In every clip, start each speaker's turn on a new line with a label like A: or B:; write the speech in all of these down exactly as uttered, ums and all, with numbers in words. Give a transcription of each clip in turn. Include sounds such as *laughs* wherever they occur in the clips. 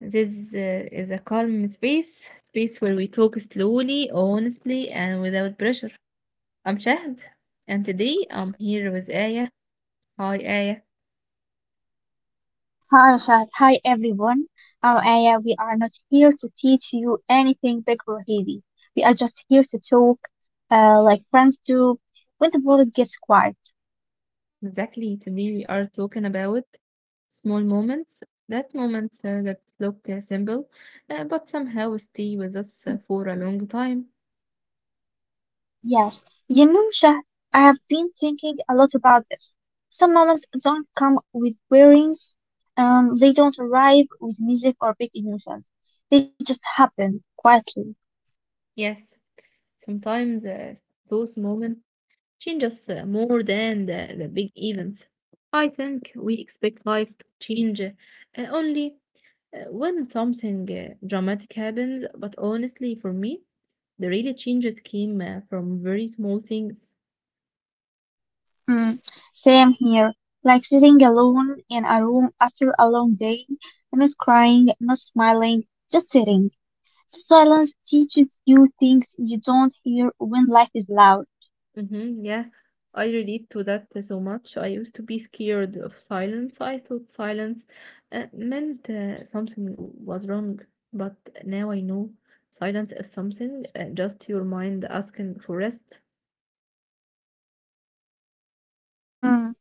A: This uh, is a calm space, space where we talk slowly, honestly, and without pressure. I'm Shahd, and today I'm here with Aya. Hi, Aya.
B: Hi, Shad. Hi, everyone. Uh, Aya, we are not here to teach you anything big or heavy. We are just here to talk, uh, like friends do, when the world gets quiet.
A: Exactly. Today we are talking about small moments, that moments uh, that look uh, simple, uh, but somehow stay with us
B: Mm,
A: uh, for a long time.
B: yes, you know, Shah, I have been thinking a lot about this. Some moments don't come with bearings, um, they don't arrive with music or big emotions. They just happen quietly.
A: Yes, sometimes uh, those moments. Changes uh, more than the, the big events. I think we expect life to change uh, only uh, when something uh, dramatic happens, but honestly, for me, the really changes came uh, from very small things.
B: Mm, same here. Like sitting alone in a room after a long day, not crying, not smiling, just sitting. Silence teaches you things you don't hear when life is loud.
A: hmm yeah, I relate to that uh, so much. I used to be scared of silence. I thought silence uh, meant uh, something was wrong, but now I know silence is something uh, just your mind asking for rest.
B: Mm,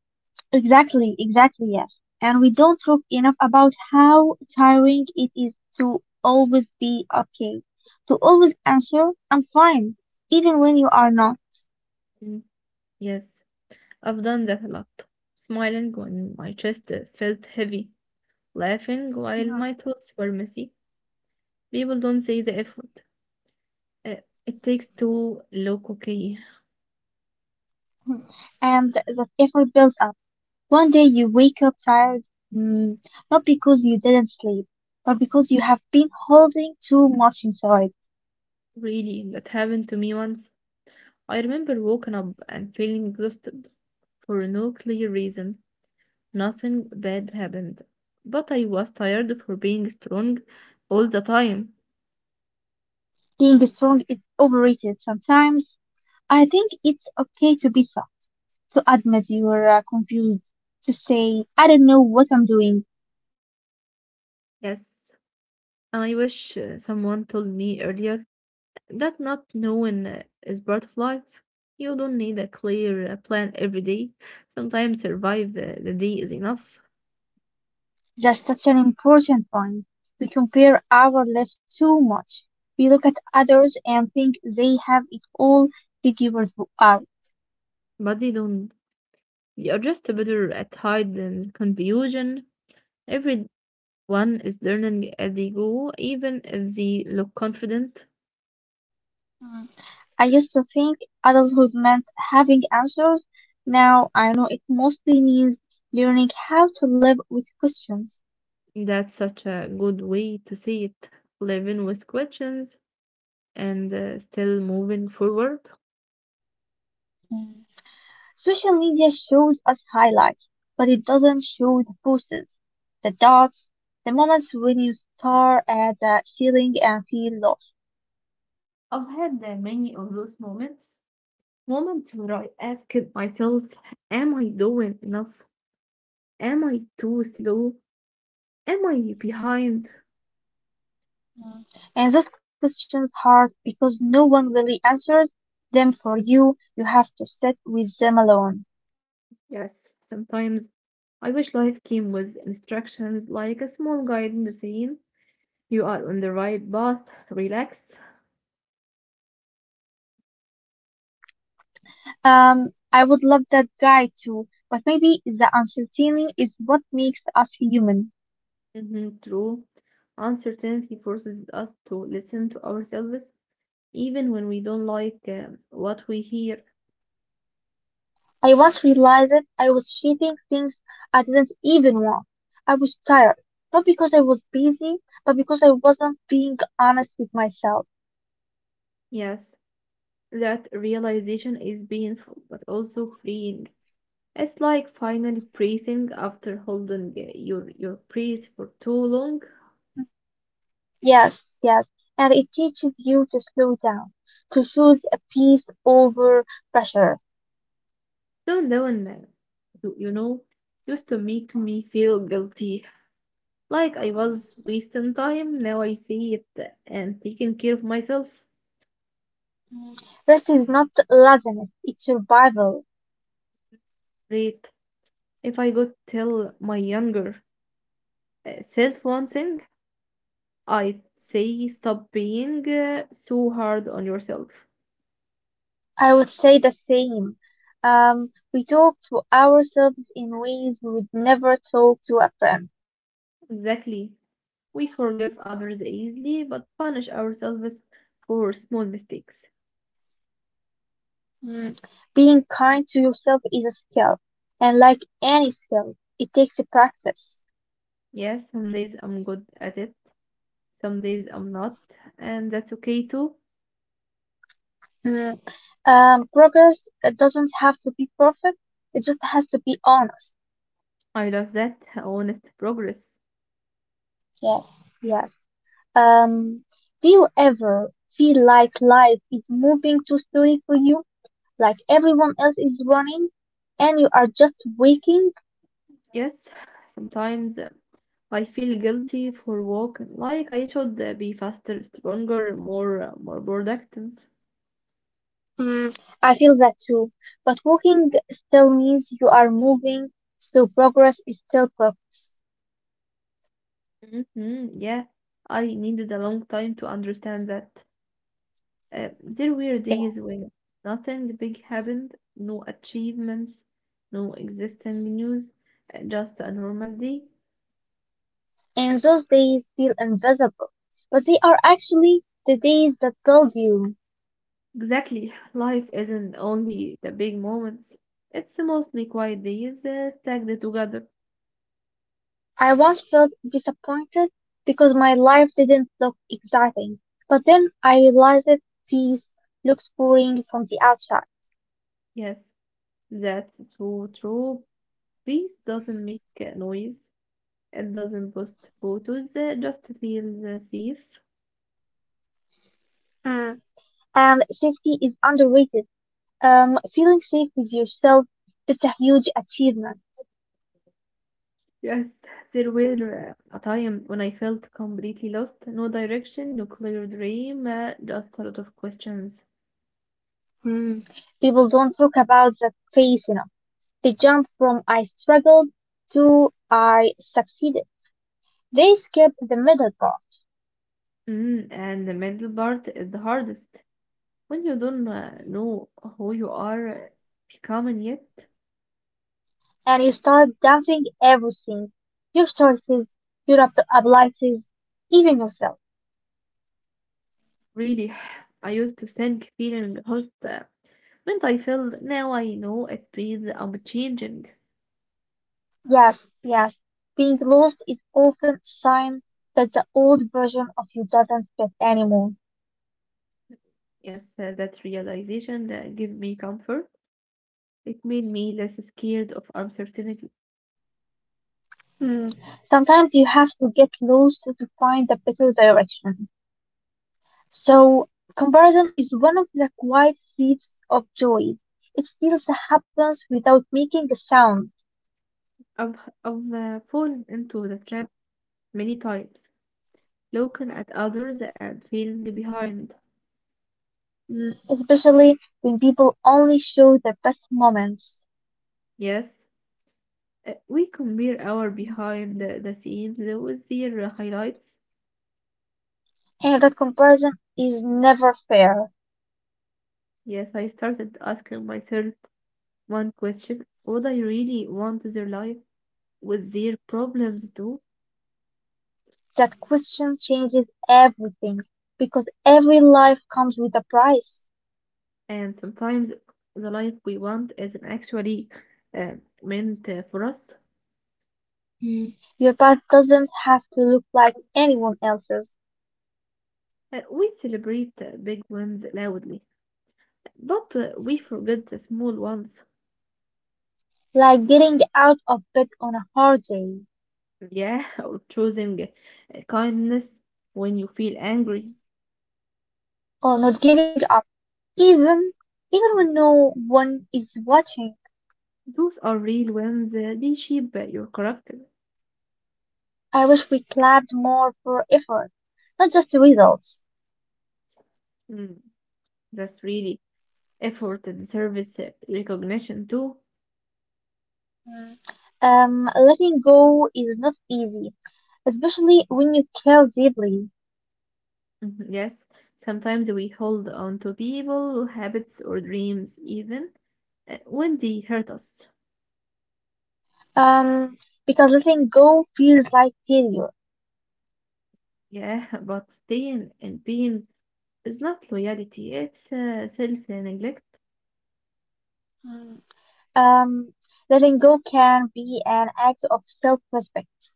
B: exactly, exactly, yes. And we don't talk enough about how tiring it is to always be okay, to always answer, I'm fine, even when you are not.
A: Yes, I've done that a lot. Smiling when my chest uh, felt heavy, laughing while my
B: Mhm.
A: thoughts were messy. People don't see the effort. Uh, it takes to look okay.
B: And that effort builds up. One day you wake up tired, mm, not because you didn't sleep, but because you have been holding too much inside.
A: Really, that happened to me once. I remember waking up and feeling exhausted for no clear reason. Nothing bad happened, but I was tired for being strong all the time.
B: Being strong is overrated sometimes. I think it's okay to be soft, to admit you're uh, confused, to say, I don't know what I'm doing.
A: Yes, and I wish uh, someone told me earlier that not knowing uh, is part of life. You don't need a clear uh, plan every day. Sometimes survive uh, the day is enough,
B: That's such an important point. We compare our lives too much. We look at others and think they have it all figured out.
A: but they don't. You are just better at hiding confusion. Everyone is learning as they go, even if they look confident.
B: Hmm. I used to think adulthood meant having answers. Now I know it mostly means learning how to live with questions.
A: That's such a good way to see it. Living with questions and uh, still moving forward.
B: Mm. Social media shows us highlights, but it doesn't show the pauses, the dots, the moments when you stare at the ceiling and feel lost.
A: I've had uh, many of those moments Moment where I asked myself, am I doing enough? Am I too slow? Am I behind?
B: Mm. And those questions hurt because no one really answers them for you. You have to sit with them alone.
A: Yes, sometimes I wish life came with instructions like a small guide saying, you are on the right path, relax.
B: Um, I would love that guy too, but maybe the uncertainty is what makes us human.
A: Mhm, true. Uncertainty forces us to listen to ourselves even when we don't like um, what we hear.
B: I once realized that I was chasing things I didn't even want. I was tired, not because I was busy, but because I wasn't being honest with myself.
A: Yes, that realization is painful but also freeing. It's like finally breathing after holding uh, your your breath for too long.
B: Yes, yes, and it teaches you to slow down, to choose a peace over pressure.
A: Slow down now. You, you know, used to make me feel guilty, like I was wasting time. Now I see it uh, and taking care of myself.
B: Rest is not laziness, it's survival.
A: Great. If I could tell my younger uh, self one thing, I'd say stop being uh, so hard on yourself.
B: I would say the same. Um, we talk to ourselves in ways we would never talk to a friend.
A: Exactly. We forgive others easily, but punish ourselves for small mistakes.
B: Mm. Being kind to yourself is a skill, and like any skill, it takes a practice.
A: Yes, some days I'm good at it, some days I'm not, and that's okay too.
B: Mm. Um, progress uh, doesn't have to be perfect; it just has to be honest.
A: I love that honest progress.
B: Yes, yes. Um, do you ever feel like life is moving too slowly for you, like everyone else is running, and you are just waking?
A: Yes, *sighs* sometimes uh, I feel guilty for walking, like I should uh, be faster, stronger, more uh, more productive.
B: Mm, I feel that too. But walking still means you are moving, so progress is still progress.
A: hmm yeah, I needed a long time to understand that. Uh, there were
B: Yeah.
A: days when nothing big happened, no achievements, no existing news, uh, just a normal day.
B: And those days feel invisible, but they are actually the days that build you.
A: Exactly. Life isn't only the big moments. It's mostly quiet days uh, stacked together.
B: I once felt disappointed because my life didn't look exciting, but then I realized that peace looks boring from the outside.
A: Yes, that's so true. Peace doesn't make uh, noise. It doesn't post photos. uh, just feels uh, safe.
B: Mm. And safety is underrated. Um, feeling safe with yourself is a huge achievement.
A: Yes, there were uh, a time when I felt completely lost. No direction, no clear dream, uh, just a lot of questions.
B: Mm. People don't talk about that phase enough. They jump from I struggled to I succeeded. They skip the middle part,
A: Mm, and the middle part is the hardest. When you don't uh, know who you are uh, becoming yet.
B: and you start doubting everything. Your choices, your ap- abilities, even yourself.
A: Really, *sighs* I used to think feeling host uh, meant I failed. Now I know it means I'm changing.
B: Yes, yes. Being lost is often a sign that the old version of you doesn't fit anymore.
A: Yes, uh, that realization uh, gave me comfort. It made me less scared of uncertainty.
B: Mm. Sometimes you have to get lost to find the better direction. So, comparison is one of the quiet thieves of joy. It steals the happiness without making a sound,
A: I've, I've uh, fallen into the trap many times, looking at others and feeling behind.
B: mm, especially when people only show their best moments.
A: Yes, uh, we compare our behind the, the scenes with their highlights.
B: And that comparison is never fair.
A: Yes, I started asking myself one question. Would I really want their life, with their problems too?
B: That question changes everything because every life comes with a price.
A: And sometimes the life we want isn't actually uh, meant uh, for us.
B: Mm. Your path doesn't have to look like anyone else's,
A: Uh, we celebrate uh, big wins loudly, but uh, we forget the small ones.
B: like getting out of bed on a hard day,
A: Yeah, *laughs* or choosing uh, kindness when you feel angry.
B: or not giving up. Even even when no one is watching,
A: Those are real wins. uh, They shape uh, your character.
B: I wish we clapped more for effort, not just the results.
A: Mm, that's really effort and service uh, recognition too.
B: Mm. Um, letting go is not easy, especially when you care deeply.
A: Mhm, yes, sometimes we hold on to people, habits, or dreams even uh, when they hurt us.
B: Um, because letting go feels like failure.
A: Yeah, *laughs* but staying in pain is not loyalty, it's uh, self-neglect.
B: Mm. Um, letting go can be an act of self-respect.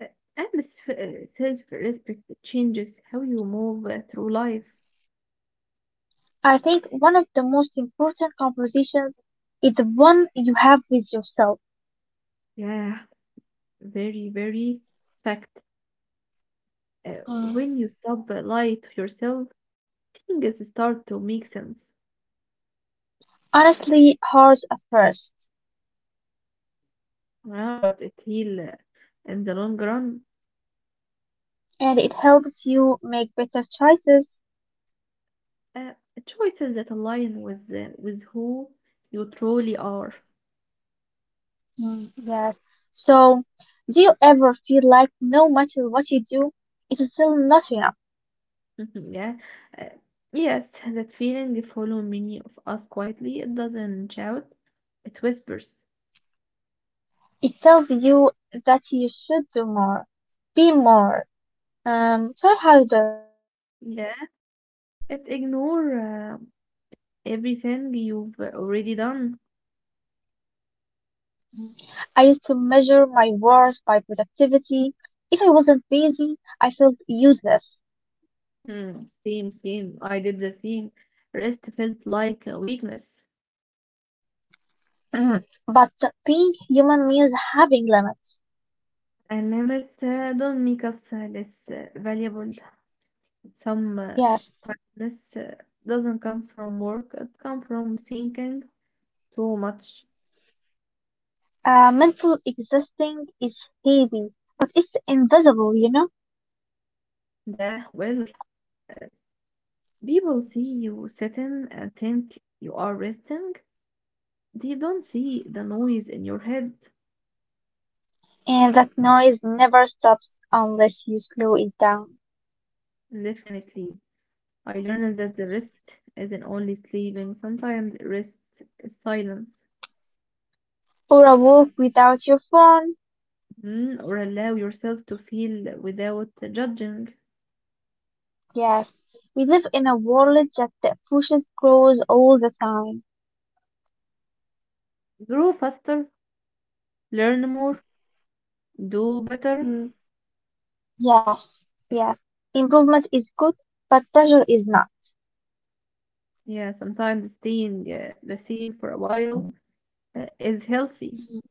A: Uh, And s- uh, self-respect changes how you move uh, through life.
B: I think one of the most important conversations is the one you have with yourself.
A: Yeah, very, very fact. Uh,
B: Mm.
A: when you stop uh, lying to yourself, things start to make sense.
B: Honestly, hard at first,
A: Yeah, but it heal uh, in the long run.
B: and it helps you make better choices.
A: Uh, Choices that align with uh, with who you truly are. *laughs*
B: Mm, yes. So, do you ever feel like no matter what you do, it's still not enough?
A: Mhm, yeah. Uh, yes, that feeling following many of us quietly. It doesn't shout. It whispers.
B: It tells you that you should do more, be more, um, try harder.
A: Yeah. It ignore uh, everything you've already done.
B: Mm. I used to measure my worth by productivity. If I wasn't busy, I felt useless.
A: Hmm, same, same. I did the same. Rest felt like a weakness.
B: Mm. But being human means having limits.
A: And limits uh, don't make us uh, less uh, valuable. Some uh,
B: Yes.
A: kindness uh, doesn't come from work, it comes from thinking too much.
B: Uh, mental exhausting is heavy, but it's invisible, you know?
A: That, well, uh, people see you sitting and think you are resting. They don't see the noise in your head.
B: And that noise never stops unless you slow it down.
A: Definitely. I learned that the rest isn't only sleeping, sometimes rest is silence.
B: Or a walk without your phone.
A: Mm, or allow yourself to feel without judging.
B: Yes, we live in a world that that pushes goals all the time.
A: Grow faster, learn more, do better.
B: Mm, yes, yes. Improvement is good, but pressure is not.
A: Yeah, sometimes staying uh, the same for a while uh, is healthy.
B: Mm,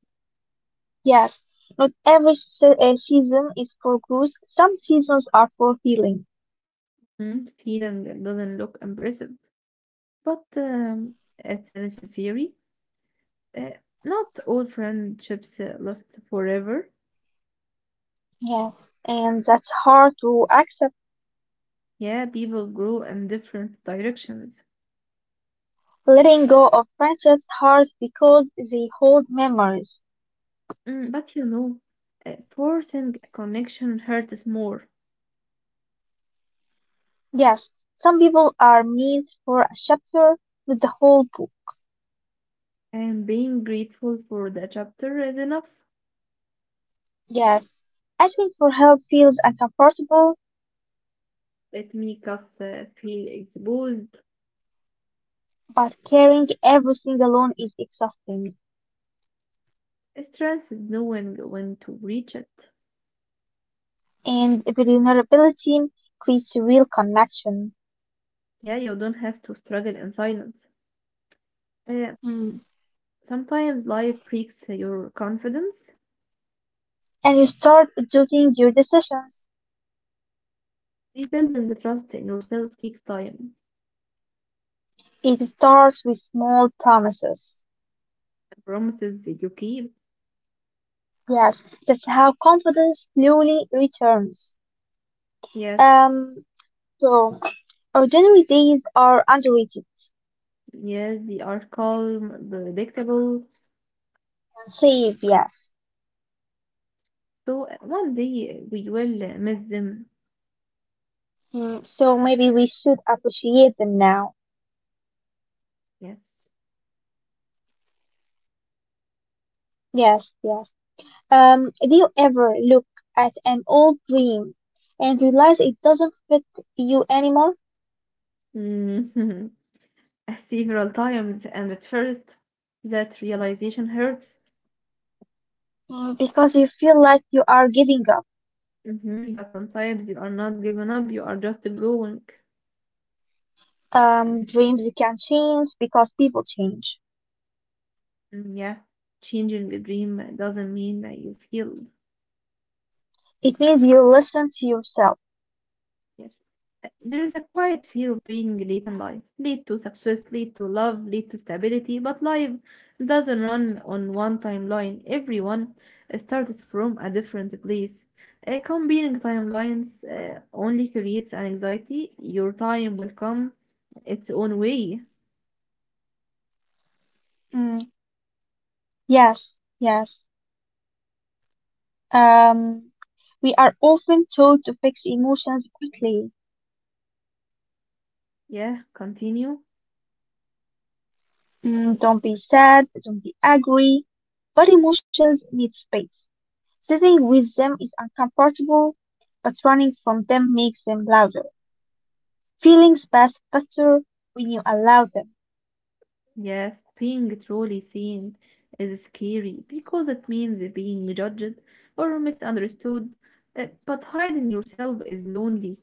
B: yes, not every se- uh, season is for growth. Some seasons are for healing.
A: Mm, feeling doesn't look impressive, but um, it's necessary. Uh, Not all friendships uh, last forever.
B: Yes, and that's hard to accept.
A: Yeah, people grow in different directions.
B: Letting go of friendships hurts because they hold memories.
A: Mm, but you know, uh, forcing a connection hurts more,
B: Yes, some people are meant for a chapter, not the whole book.
A: and being grateful for the chapter is enough.
B: Yes, asking for help feels uncomfortable,
A: It makes us uh, feel exposed.
B: but carrying everything alone is exhausting.
A: Stress is knowing when to reach it.
B: And vulnerability creates real connection.
A: Yeah, you don't have to struggle in silence. Uh,
B: Mm.
A: Sometimes life breaks your confidence.
B: And you start doubting your decisions.
A: Rebuilding the trust in yourself takes time.
B: It starts with small promises.
A: The promises that you keep,
B: Yes, that's how confidence slowly returns.
A: yes,
B: Um, so, ordinary days are underrated
A: yes, they are calm, predictable.
B: and safe, yes.
A: So uh, one day we will uh, miss them.
B: Mm, so maybe we should appreciate them now.
A: Yes.
B: Yes, yes. Um, do you ever look at an old dream and realize it doesn't fit you anymore?
A: Mhm. *laughs* Several times, and at first that realization hurts.
B: Mm, because you feel like you are giving up.
A: Mhm, but sometimes you are not giving up; you are just growing.
B: Um, dreams can change because people change.
A: Mm, yeah, changing a dream doesn't mean that you failed.
B: It means you listen to yourself.
A: Yes. Uh, There is a quiet fear of being late in life. Lead to success, lead to love, lead to stability, but life doesn't run on one timeline. Everyone uh, starts from a different place. Uh, Comparing timelines uh, only creates an anxiety. Your time will come its own way.
B: Mm, yes, yes. Um, we are often told to fix emotions quickly.
A: Yeah, continue.
B: Mm, don't be sad, don't be angry, but emotions need space. Sitting with them is uncomfortable, but running from them makes them louder. Feelings pass faster when you allow them.
A: Yes, being truly seen is scary because it means being judged or misunderstood, uh, but hiding yourself is lonely.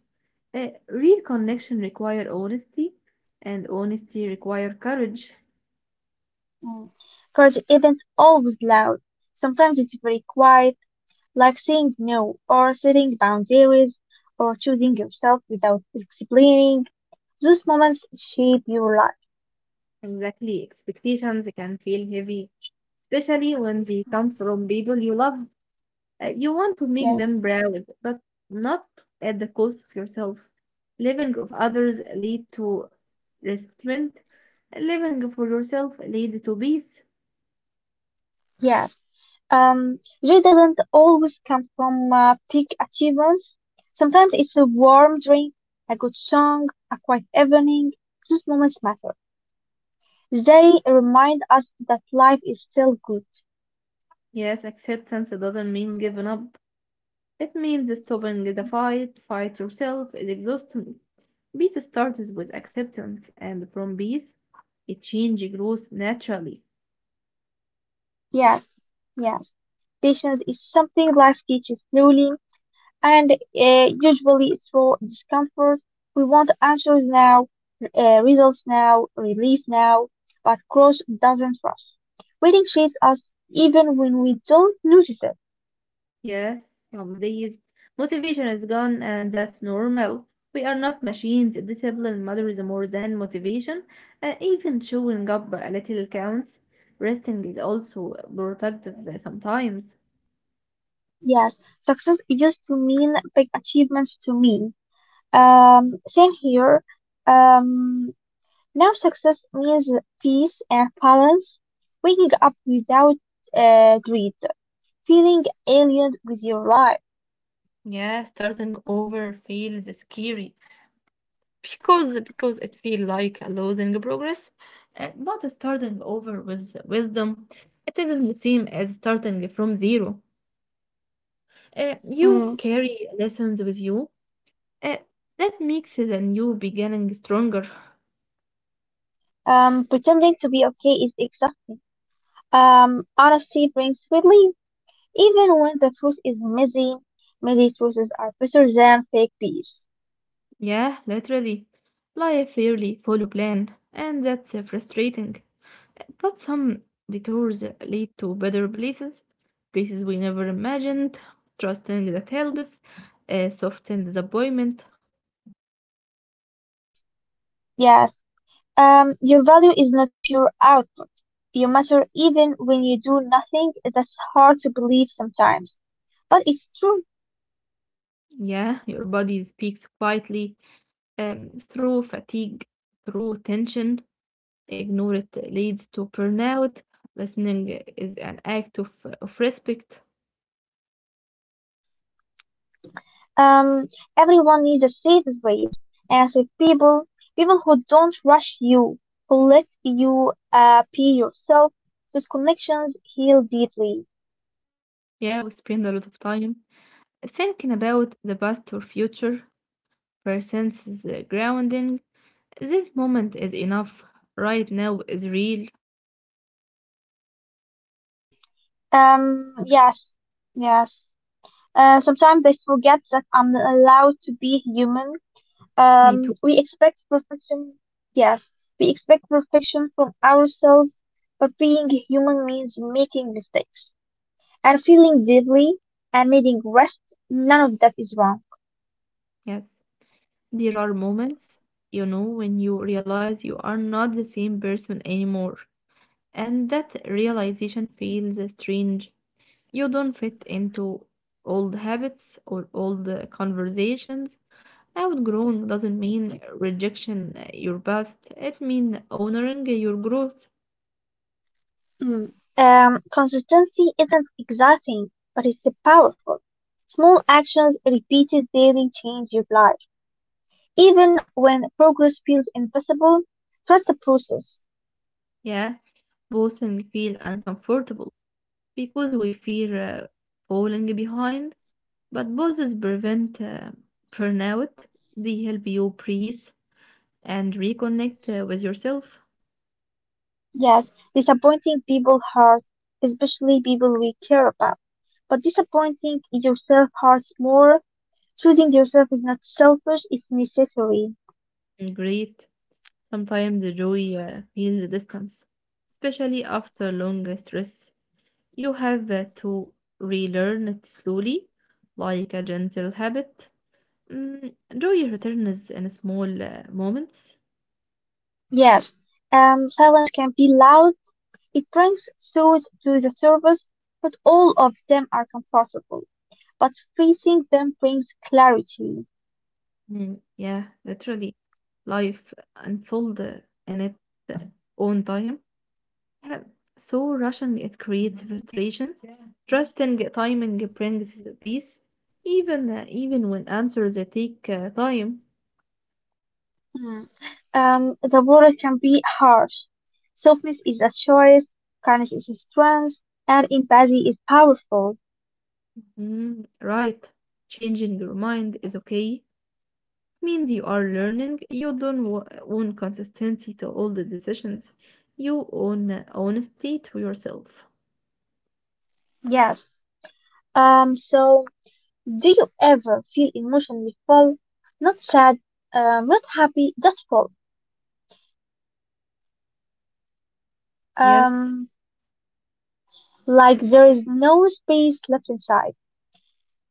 A: Uh, real connection require honesty, and honesty require courage.
B: Mm. Courage isn't always loud. Sometimes it's very quiet, like saying no, or setting boundaries, or choosing yourself without explaining. Those moments shape your life.
A: Exactly, expectations can feel heavy, especially when they come from people you love. Uh, you want to make
B: Yeah.
A: them proud, but not at the cost of yourself. Living of others lead to restraint. Living for yourself leads to peace.
B: Yeah. Um, joy doesn't always come from uh, big achievements. Sometimes it's a warm drink, a good song, a quiet evening. Those moments matter. They remind us that life is still good.
A: Yes, acceptance doesn't mean giving up. It means stopping the fight, fight yourself, it exhausts me. Peace starts with acceptance, and from peace, a change grows naturally.
B: Yes, yes. Patience is something life teaches slowly and uh, usually through discomfort. We want answers now, uh, results now, relief now, but growth doesn't rush. Waiting shapes us even when we don't notice it.
A: Yes, some days motivation is gone, and that's normal. We are not machines. Discipline matters more than motivation. Uh, even showing up a little counts. Resting is also productive sometimes.
B: Yes, success used to mean big achievements to me. Um, same here. Um, now success means peace and balance, waking up without uh, greed, feeling alien with your life.
A: Yeah, starting over feels scary because because it feels like losing progress. Uh, But starting over with wisdom, it isn't the same as starting from zero. Uh, you
B: Mm.
A: carry lessons with you. Uh, that makes the new beginning stronger.
B: Um, pretending to be okay is exhausting. Um, honesty brings relief, even when the truth is messy. Messy truths are better than fake peace.
A: Yeah, literally. Life rarely follow plan, and that's uh, frustrating. But some detours uh, lead to better places, places we never imagined. Trusting that helps, uh, soften disappointment.
B: Yes, yes. Um, your value is not your output. You matter even when you do nothing. That's hard to believe sometimes, but it's true.
A: Yeah, your body speaks quietly um, through fatigue, through tension. Ignore it leads to burnout. Listening is an act of, of respect.
B: Um, everyone needs a safe space, and safe people, people who don't rush you, who let you uh, be yourself. Those connections heal deeply.
A: Yeah, we spend a lot of time thinking about the past or future. Presence is uh, grounding. This moment is enough. Right now is real.
B: Um, yes, yes. Uh, sometimes I forget that I'm allowed to be human.
A: Me
B: Um,
A: too.
B: we expect perfection. Yes, we expect perfection from ourselves, but being human means making mistakes and feeling deeply and needing rest. None of that is wrong.
A: Yes. There are moments, you know, when you realize you are not the same person anymore. And that realization feels strange. You don't fit into old habits or old uh, conversations. Outgrowing doesn't mean rejection uh, your past. It means honoring your growth.
B: Mm. Um, consistency isn't exciting, but it's powerful. Small actions repeated daily change your life. Even when progress feels invisible, trust the process.
A: Yeah, boosting feel uncomfortable because we fear uh, falling behind, but pauses prevent uh, burnout. They help you breathe and reconnect uh, with yourself.
B: Yes, disappointing people hurt, especially people we care about. But disappointing yourself hurts more. Choosing yourself is not selfish, it's necessary.
A: And great. Sometimes the joy uh, feels the distance, especially after long uh, stress. You have uh, to relearn it slowly, like a gentle habit. Mm, joy returns in small uh, moments.
B: Yes, um, silence can be loud. It brings thoughts to the surface, but all of them are comfortable. But facing them brings clarity.
A: Mm, yeah, literally, life unfolded in its own time. Yeah, so rushing it creates frustration. Trusting timing brings peace, even uh, even when answers uh, take uh, time.
B: Hmm. Um, the world can be harsh. Softness is a choice, kindness is a strength, and empathy is powerful.
A: Mm, right, changing your mind is okay. Means you are learning. You don't wa- own consistency to all the decisions. You own uh, honesty to yourself.
B: Yes. Um, so, do you ever feel emotionally full? Not sad, uh, not happy, just full.
A: Yes.
B: Um, like there is no space left inside.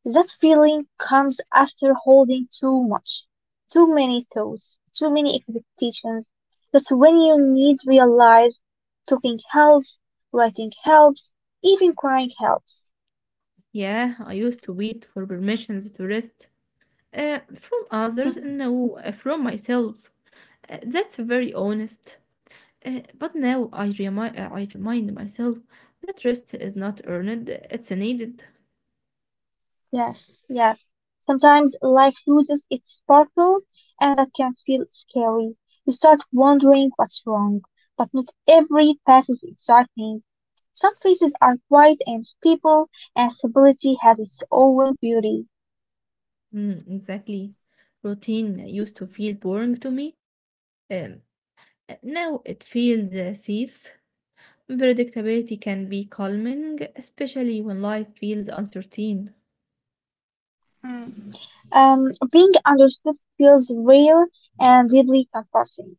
B: That feeling comes after holding too much, too many thoughts, too many expectations. That's when you need to realize talking helps, writing helps, even crying helps.
A: Yeah, I used to wait for permissions to rest uh, from others, no, uh, from myself. Uh, that's very honest. Uh, but now I remind uh, I remind myself that rest is not earned; it's needed.
B: Yes, yes. Sometimes life loses its sparkle, and that can feel scary. You start wondering what's wrong, but not every path is exciting. Some faces are quiet and stable, and stability has its own beauty.
A: Mm, exactly. Routine used to feel boring to me. Um, uh, Now it feels uh, safe. Predictability can be calming, especially when life feels uncertain.
B: Mm. Um, being understood feels real and deeply comforting.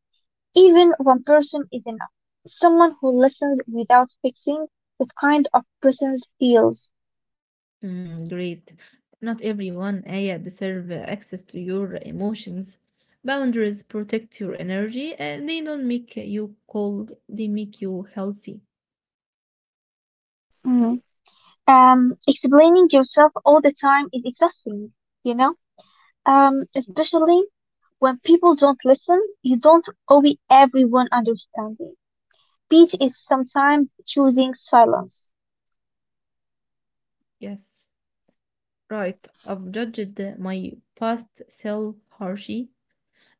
B: Even one person is enough. Someone who listens without fixing, that kind of person feels.
A: Mm, great. Not everyone, Aya, deserve uh, access to your emotions. Boundaries protect your energy. Uh, they don't make you cold, they make you healthy.
B: Um, explaining yourself all the time is exhausting, you know? Um, especially when people don't listen, you don't owe everyone understanding. Peace is sometimes choosing silence.
A: Yes, right. I've judged uh, my past self harshly,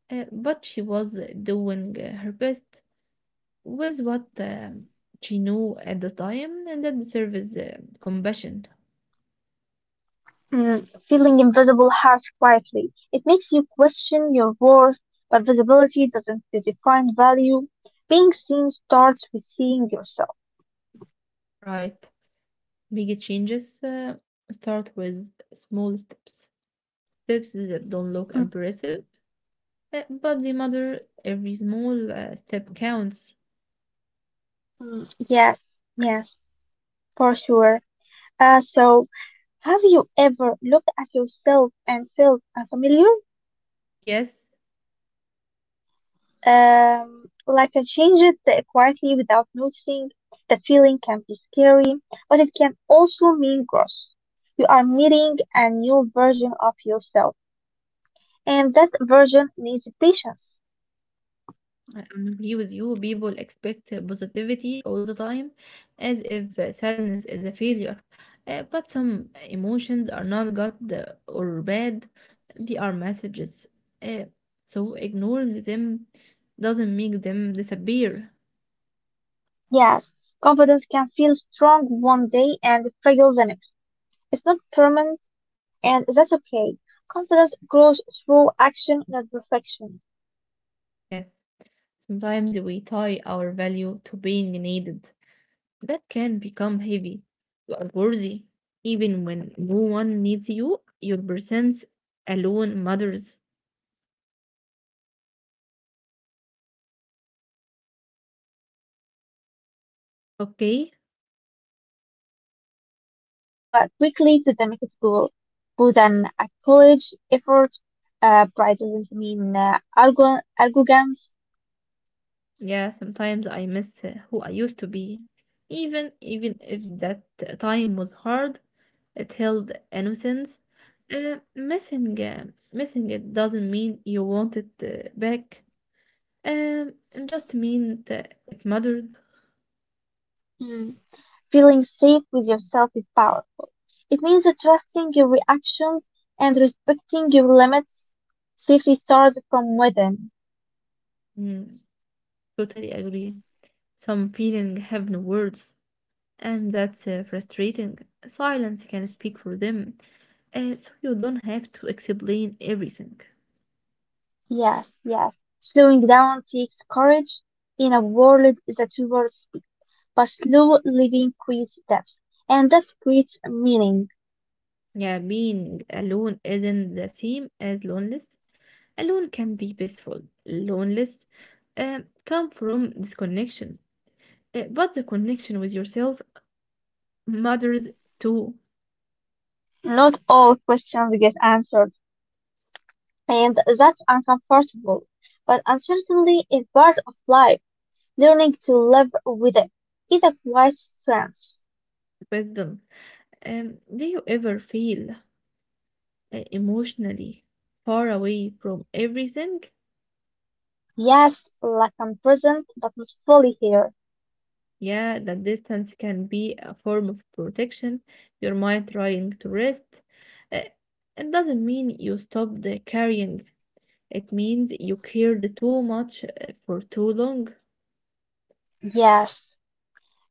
A: uh, but she was uh, doing uh, her best with what um, she knew at the time, and that deserves uh, compassion,
B: mm, Feeling invisible hearts quietly. It makes you question your worth, but visibility doesn't define value. Being seen starts with seeing yourself.
A: right? Big changes uh, start with small steps, steps that don't look
B: Mm,
A: impressive, uh, but they matter. Every small uh, step counts.
B: mm, yes, yes, for sure. Uh, so, have you ever looked at yourself and felt unfamiliar?
A: Yes,
B: Um, like I changed it quietly without noticing. The feeling can be scary, but it can also mean growth. You are meeting a new version of yourself, and that version needs patience.
A: I agree with you. People expect positivity all the time, as if uh, sadness is a failure. Uh, but some emotions are not good uh, or bad, they are messages. Uh, so ignoring them doesn't make them disappear.
B: Yes, confidence can feel strong one day and fragile the next. It's not permanent, and that's okay. Confidence grows through action, not perfection.
A: Yes, sometimes we tie our value to being needed. That can become heavy. You are worthy. Even when no one needs you, your presence alone matters.
B: Um, do you struggle to feel proud of yourself?
A: Okay?
B: Um, I moved uh, quickly to the next school, Put an a college effort. Uh, pride doesn't mean uh, argo- arrogance.
A: Yeah, sometimes I miss uh, who I used to be. Even even if that time was hard, it held innocence. Uh, missing uh, missing it doesn't mean you want it uh, back. Um, it just means that it mattered.
B: Mm. Feeling safe with yourself is powerful. It means that trusting your reactions and respecting your limits. Safety starts from within.
A: Mm, totally agree. Some feeling have no words, and that's uh, frustrating. Silence can speak for them, uh, so you don't have to explain everything.
B: Yes, yes. Slowing down takes courage in a world that rewards but slow living quiz depth, and that's quiz meaning.
A: Yeah, being alone isn't the same as loneliness. Alone can be peaceful. Loneliness uh, come from disconnection. Uh, but the connection with yourself matters to
B: Not all questions get answers, and that's uncomfortable. But uncertainty is part of life. Learning to live with it is a quiet strength.
A: wisdom. Um, do you ever feel uh, emotionally far away from everything?
B: Yes, like I'm present, but not fully here.
A: Yeah, that distance can be a form of protection. Your mind trying to rest. Uh, it doesn't mean you stop the carrying. It means you cared too much uh, for too long.
B: Yes,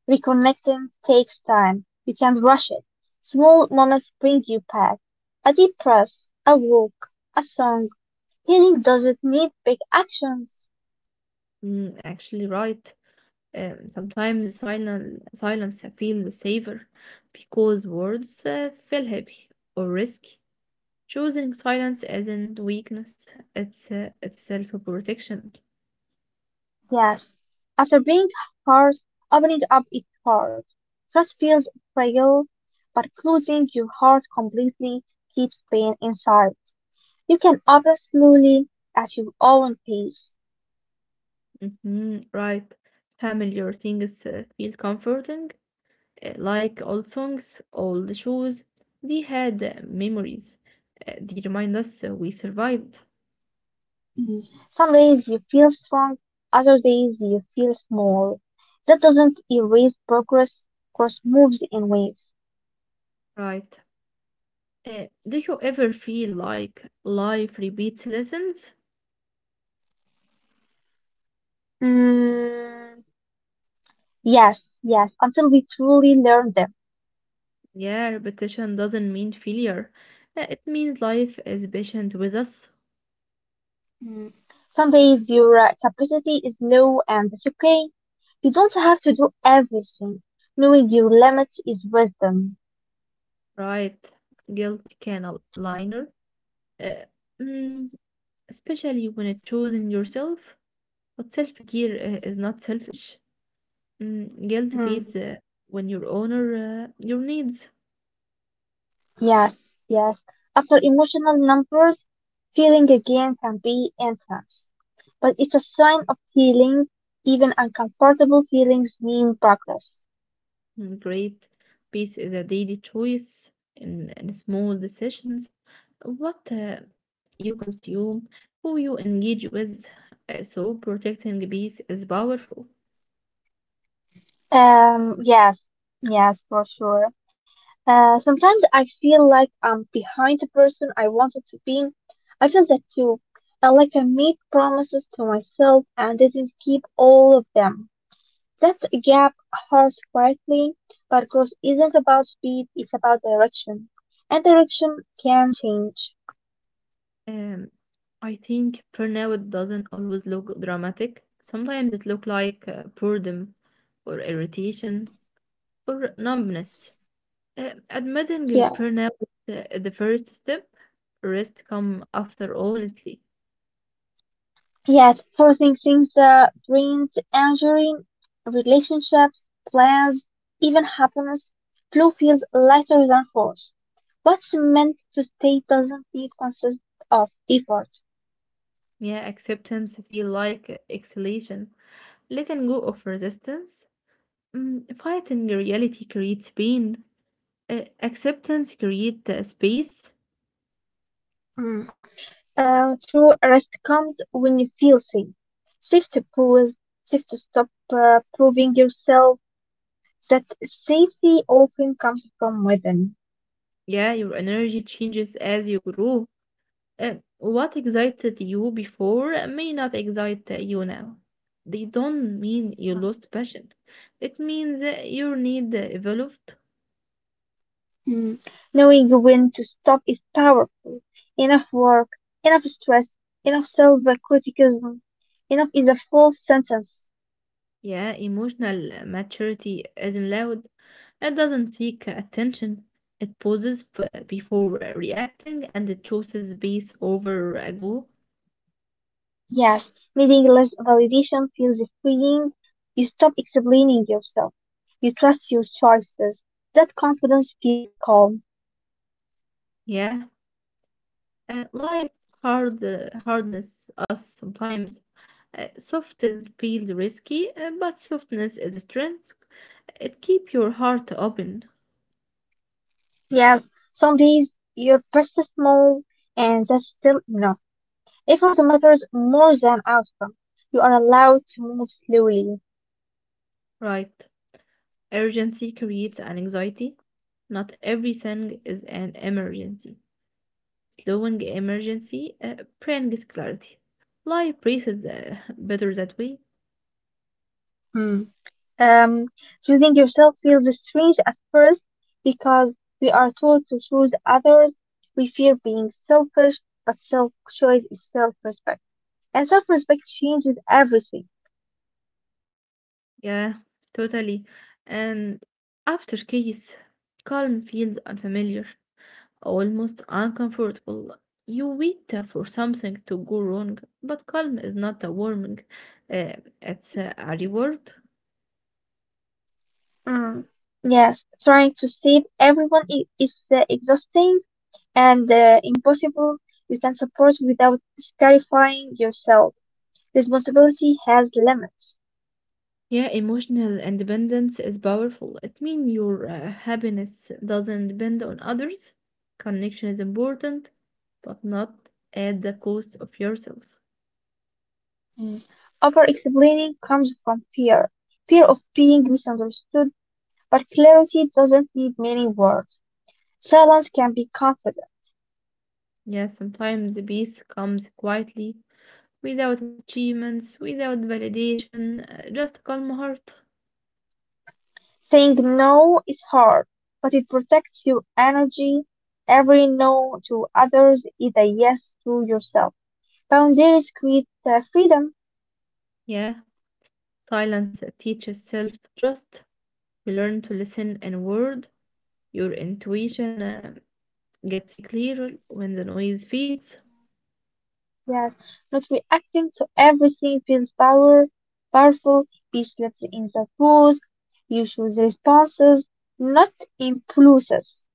B: reconnecting takes time. You can't rush it. Small moments bring you back. A deep breath, a walk, a song. Healing doesn't need big actions.
A: Mm, actually, right. Um, sometimes silent silence feels safer because words uh, feel heavy or risky. Choosing silence isn't weakness; it's uh, it's self-protection.
B: Yes. After being hurt, opening up is hard. Trust feels fragile, but closing your heart completely keeps pain inside. You can open slowly at your own pace.
A: Hmm, right. Familiar things uh, feel comforting, uh, like old songs, old shoes. They had uh, memories. Uh, they remind us uh, we survived.
B: Mm. Some days you feel strong, other days you feel small. That doesn't erase progress, progress moves in waves.
A: Right. Uh, do you ever feel like life repeats lessons?
B: Mm, yes, yes, until we truly learn them.
A: Yeah, repetition doesn't mean failure. Uh, It means life is patient with us,
B: Mm. Some days your uh, capacity is low and that's okay. You don't have to do everything. Knowing your limits is wisdom.
A: right? Guilt can aligner, uh, mm, especially when it's choosing yourself. But self-care uh, is not selfish. Mm, guilt
B: Mm.
A: feeds uh, when you honor uh, your needs.
B: Yes, yes. After emotional numbers, feeling again can be intense. But it's a sign of healing. Even uncomfortable feelings mean progress.
A: Mm, great. Peace is a daily choice in, in small decisions. What uh, you consume, who you engage with. Uh, so protecting peace is powerful.
B: Um, yes, yes, for sure. Uh, sometimes I feel like I'm behind the person I wanted to be. I feel that too. Uh, like I made promises to myself and didn't keep all of them. That gap hurts quietly, but growth isn't about speed, it's about direction. And direction can change.
A: Um, I think burnout doesn't always look dramatic. Sometimes it looks like uh, boredom or irritation or numbness. Uh, admitting your
B: Yeah.
A: burnout uh, is uh, the first step. Rest come after, honestly.
B: Yet, processing the brain's injury, relationships, plans, even happiness, flow feels lighter than force. What's meant to stay doesn't need consist of effort.
A: Yeah, acceptance feel like exhalation, letting go of resistance. Mm, fighting reality creates pain. Uh, acceptance creates space.
B: Mm. Uh, true rest comes when you feel safe. Safe to pause, safe to stop uh, proving yourself that safety often comes from within.
A: Yeah, your energy changes as you grow. Uh, what excited you before may not excite you now. They don't mean you lost passion. It means uh, your need evolved.
B: Mm. Knowing when to stop is powerful. Enough work, enough stress, enough self-criticism. Enough is a full sentence.
A: Yeah, emotional maturity isn't loud. It doesn't seek attention. It pauses f- before reacting and it chooses peace over a goal.
B: Yes, needing less validation feels freeing. You stop explaining yourself. You trust your choices. That confidence feels calm.
A: Yeah, uh, life hard uh, hardness us sometimes. Uh, soft and feel risky, uh, but softness is a strength. It keep your heart open,
B: Yes, some days you persist small, and that's still enough. Effort matters more than outcome. You are allowed to move slowly.
A: right? Urgency creates an anxiety. Not everything is an emergency. Slowing emergency uh, brings clarity. Life breathes uh, better that way.
B: Hmm. Um, Choosing yourself feels strange at first because we are told to choose others. We fear being selfish, but self choice is self respect. And self respect changes everything.
A: Yeah, totally. And after case, calm feels unfamiliar, almost uncomfortable. You wait uh, for something to go wrong, but calm is not a warning. Uh, it's uh, a reward.
B: Mm. Yes, trying to save everyone i- is uh, exhausting and uh, impossible. You can support without scarifying yourself. Responsibility has limits.
A: Yeah, emotional independence is powerful. It means your uh, happiness doesn't depend on others. Connection is important, but not at the cost of yourself.
B: Mm. Over explaining comes from fear fear of being misunderstood. But clarity doesn't need many words. Silence can be confident.
A: Yeah, sometimes the peace comes quietly, without achievements, without validation, uh, just a calm heart.
B: Saying no is hard, but it protects your energy. Every no to others is a yes to yourself. Boundaries create uh, freedom.
A: Yeah, silence teaches self trust. You learn to listen and word. Your intuition uh, gets clearer when the noise fades.
B: Yes, not reacting to everything feels power, powerful. Peace lives in the rules. You choose responses, not impulses.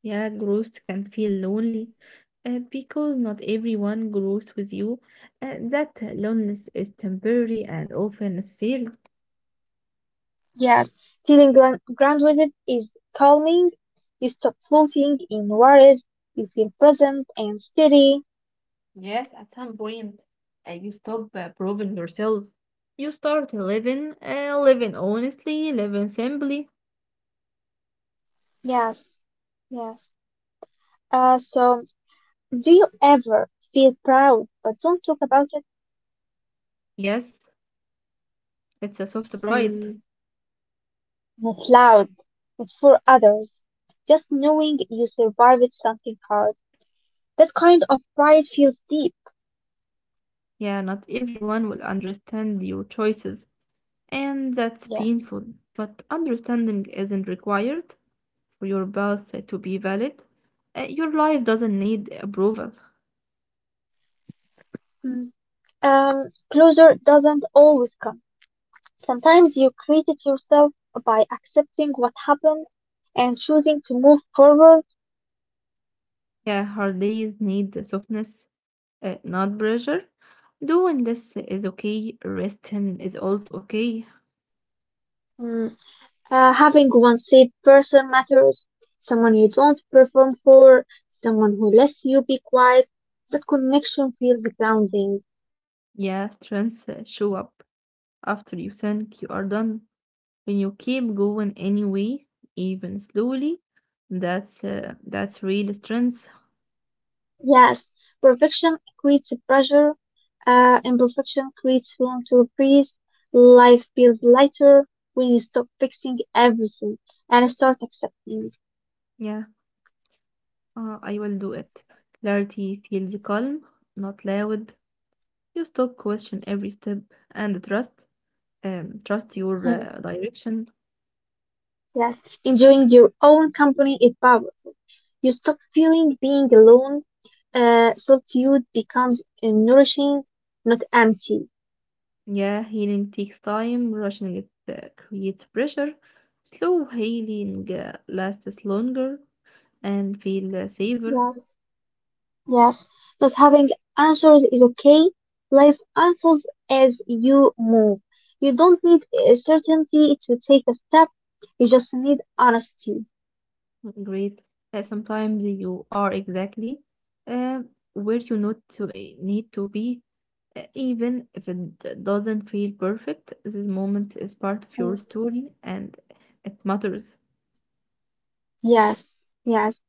A: Yeah, growth can feel lonely uh, because not everyone grows with you. Uh, that loneliness is temporary and often necessary.
B: Yes, feeling grand, grand with it is calming. You stop floating in worries. You feel present and steady.
A: Yes, at some point, uh, you stop uh, proving yourself. You start living, uh, living honestly, living simply.
B: Yes, yes. Uh, so, do you ever feel proud but don't talk about it?
A: Yes, it's a soft pride.
B: Mm, not loud, not for others. Just knowing you survived something hard. That kind of pride feels deep.
A: Yeah, not everyone will understand your choices, and that's
B: Yes.
A: painful. But understanding isn't required for your birth to be valid. Uh, your life doesn't need approval.
B: Mm. Um, closure doesn't always come. Sometimes you created yourself by accepting what happened and choosing to move forward.
A: Yeah, her days need softness, uh, not pressure. Doing this is okay, resting is also okay.
B: Mm, uh, having one safe person matters, someone you don't perform for, someone who lets you be quiet. That connection feels grounding.
A: Yeah, strengths uh, show up after you think you are done. When you keep going anyway, even slowly, that's uh, that's real strength.
B: Yes, perfection creates pressure, uh, imperfection creates room to breathe. Life feels lighter when you stop fixing everything and start accepting.
A: Yeah, uh, I will do it. Clarity feels calm, not loud. You stop question every step and trust. Um, trust your uh, direction.
B: Yes, enjoying your own company is powerful. You stop feeling being alone. Uh, solitude becomes uh, nourishing, not empty.
A: Yeah, healing takes time, rushing it uh, creates pressure. Slow healing uh, lasts longer and feel uh, safer.
B: Yes, yes. Not having answers is okay. Life unfolds as you move. You don't need a certainty to take a step. You just need honesty.
A: Great. Uh, sometimes you are exactly uh, where you not to, uh, need to be, uh, even if it d- doesn't feel perfect. This moment is part of
B: Mm.
A: your story and it matters.
B: Yes, yes.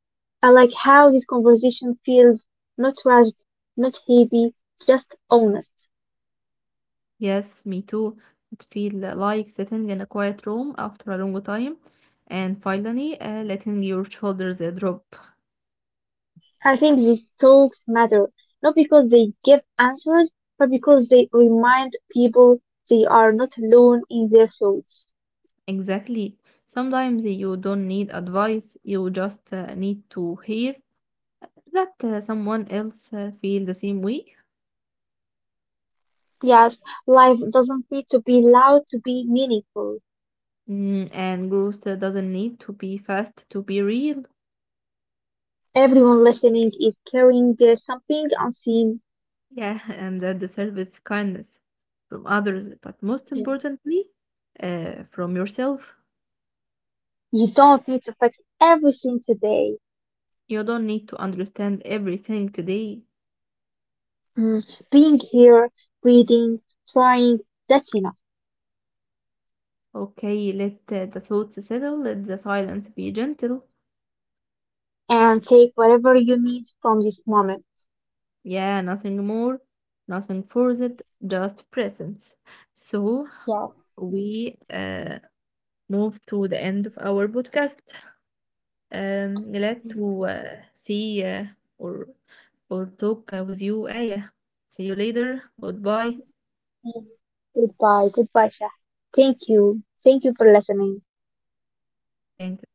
B: I like how this conversation feels not rushed, not heavy, just honest.
A: Yes, me too. It feel like sitting in a quiet room after a long time and finally uh, letting your shoulders uh, drop.
B: I think these talks matter, not because they give answers, but because they remind people they are not alone in their thoughts.
A: Exactly. Sometimes you don't need advice, you just uh, need to hear that uh, someone else uh, feel the same way.
B: Yes, life doesn't need to be loud to be meaningful.
A: Mm, and growth uh, doesn't need to be fast to be real.
B: Everyone listening is carrying their something unseen.
A: Yeah, *laughs* and that deserves kindness from others, but most
B: You
A: importantly, uh, from yourself.
B: don't need to fix everything today.
A: You don't need to understand everything today.
B: Mm, being here, reading, trying, that's enough.
A: Okay, let uh, the thoughts settle, let the silence be gentle.
B: And take whatever you need from this moment.
A: Yeah, nothing more, nothing forced, just presence. So
B: Yeah.
A: we uh, move to the end of our podcast. Um, glad to uh, see uh, or or talk uh, with you, Aya. See you later. Goodbye.
B: Mm. Goodbye, goodbye, Shah. Thank you. Thank you for listening.
A: Thanks.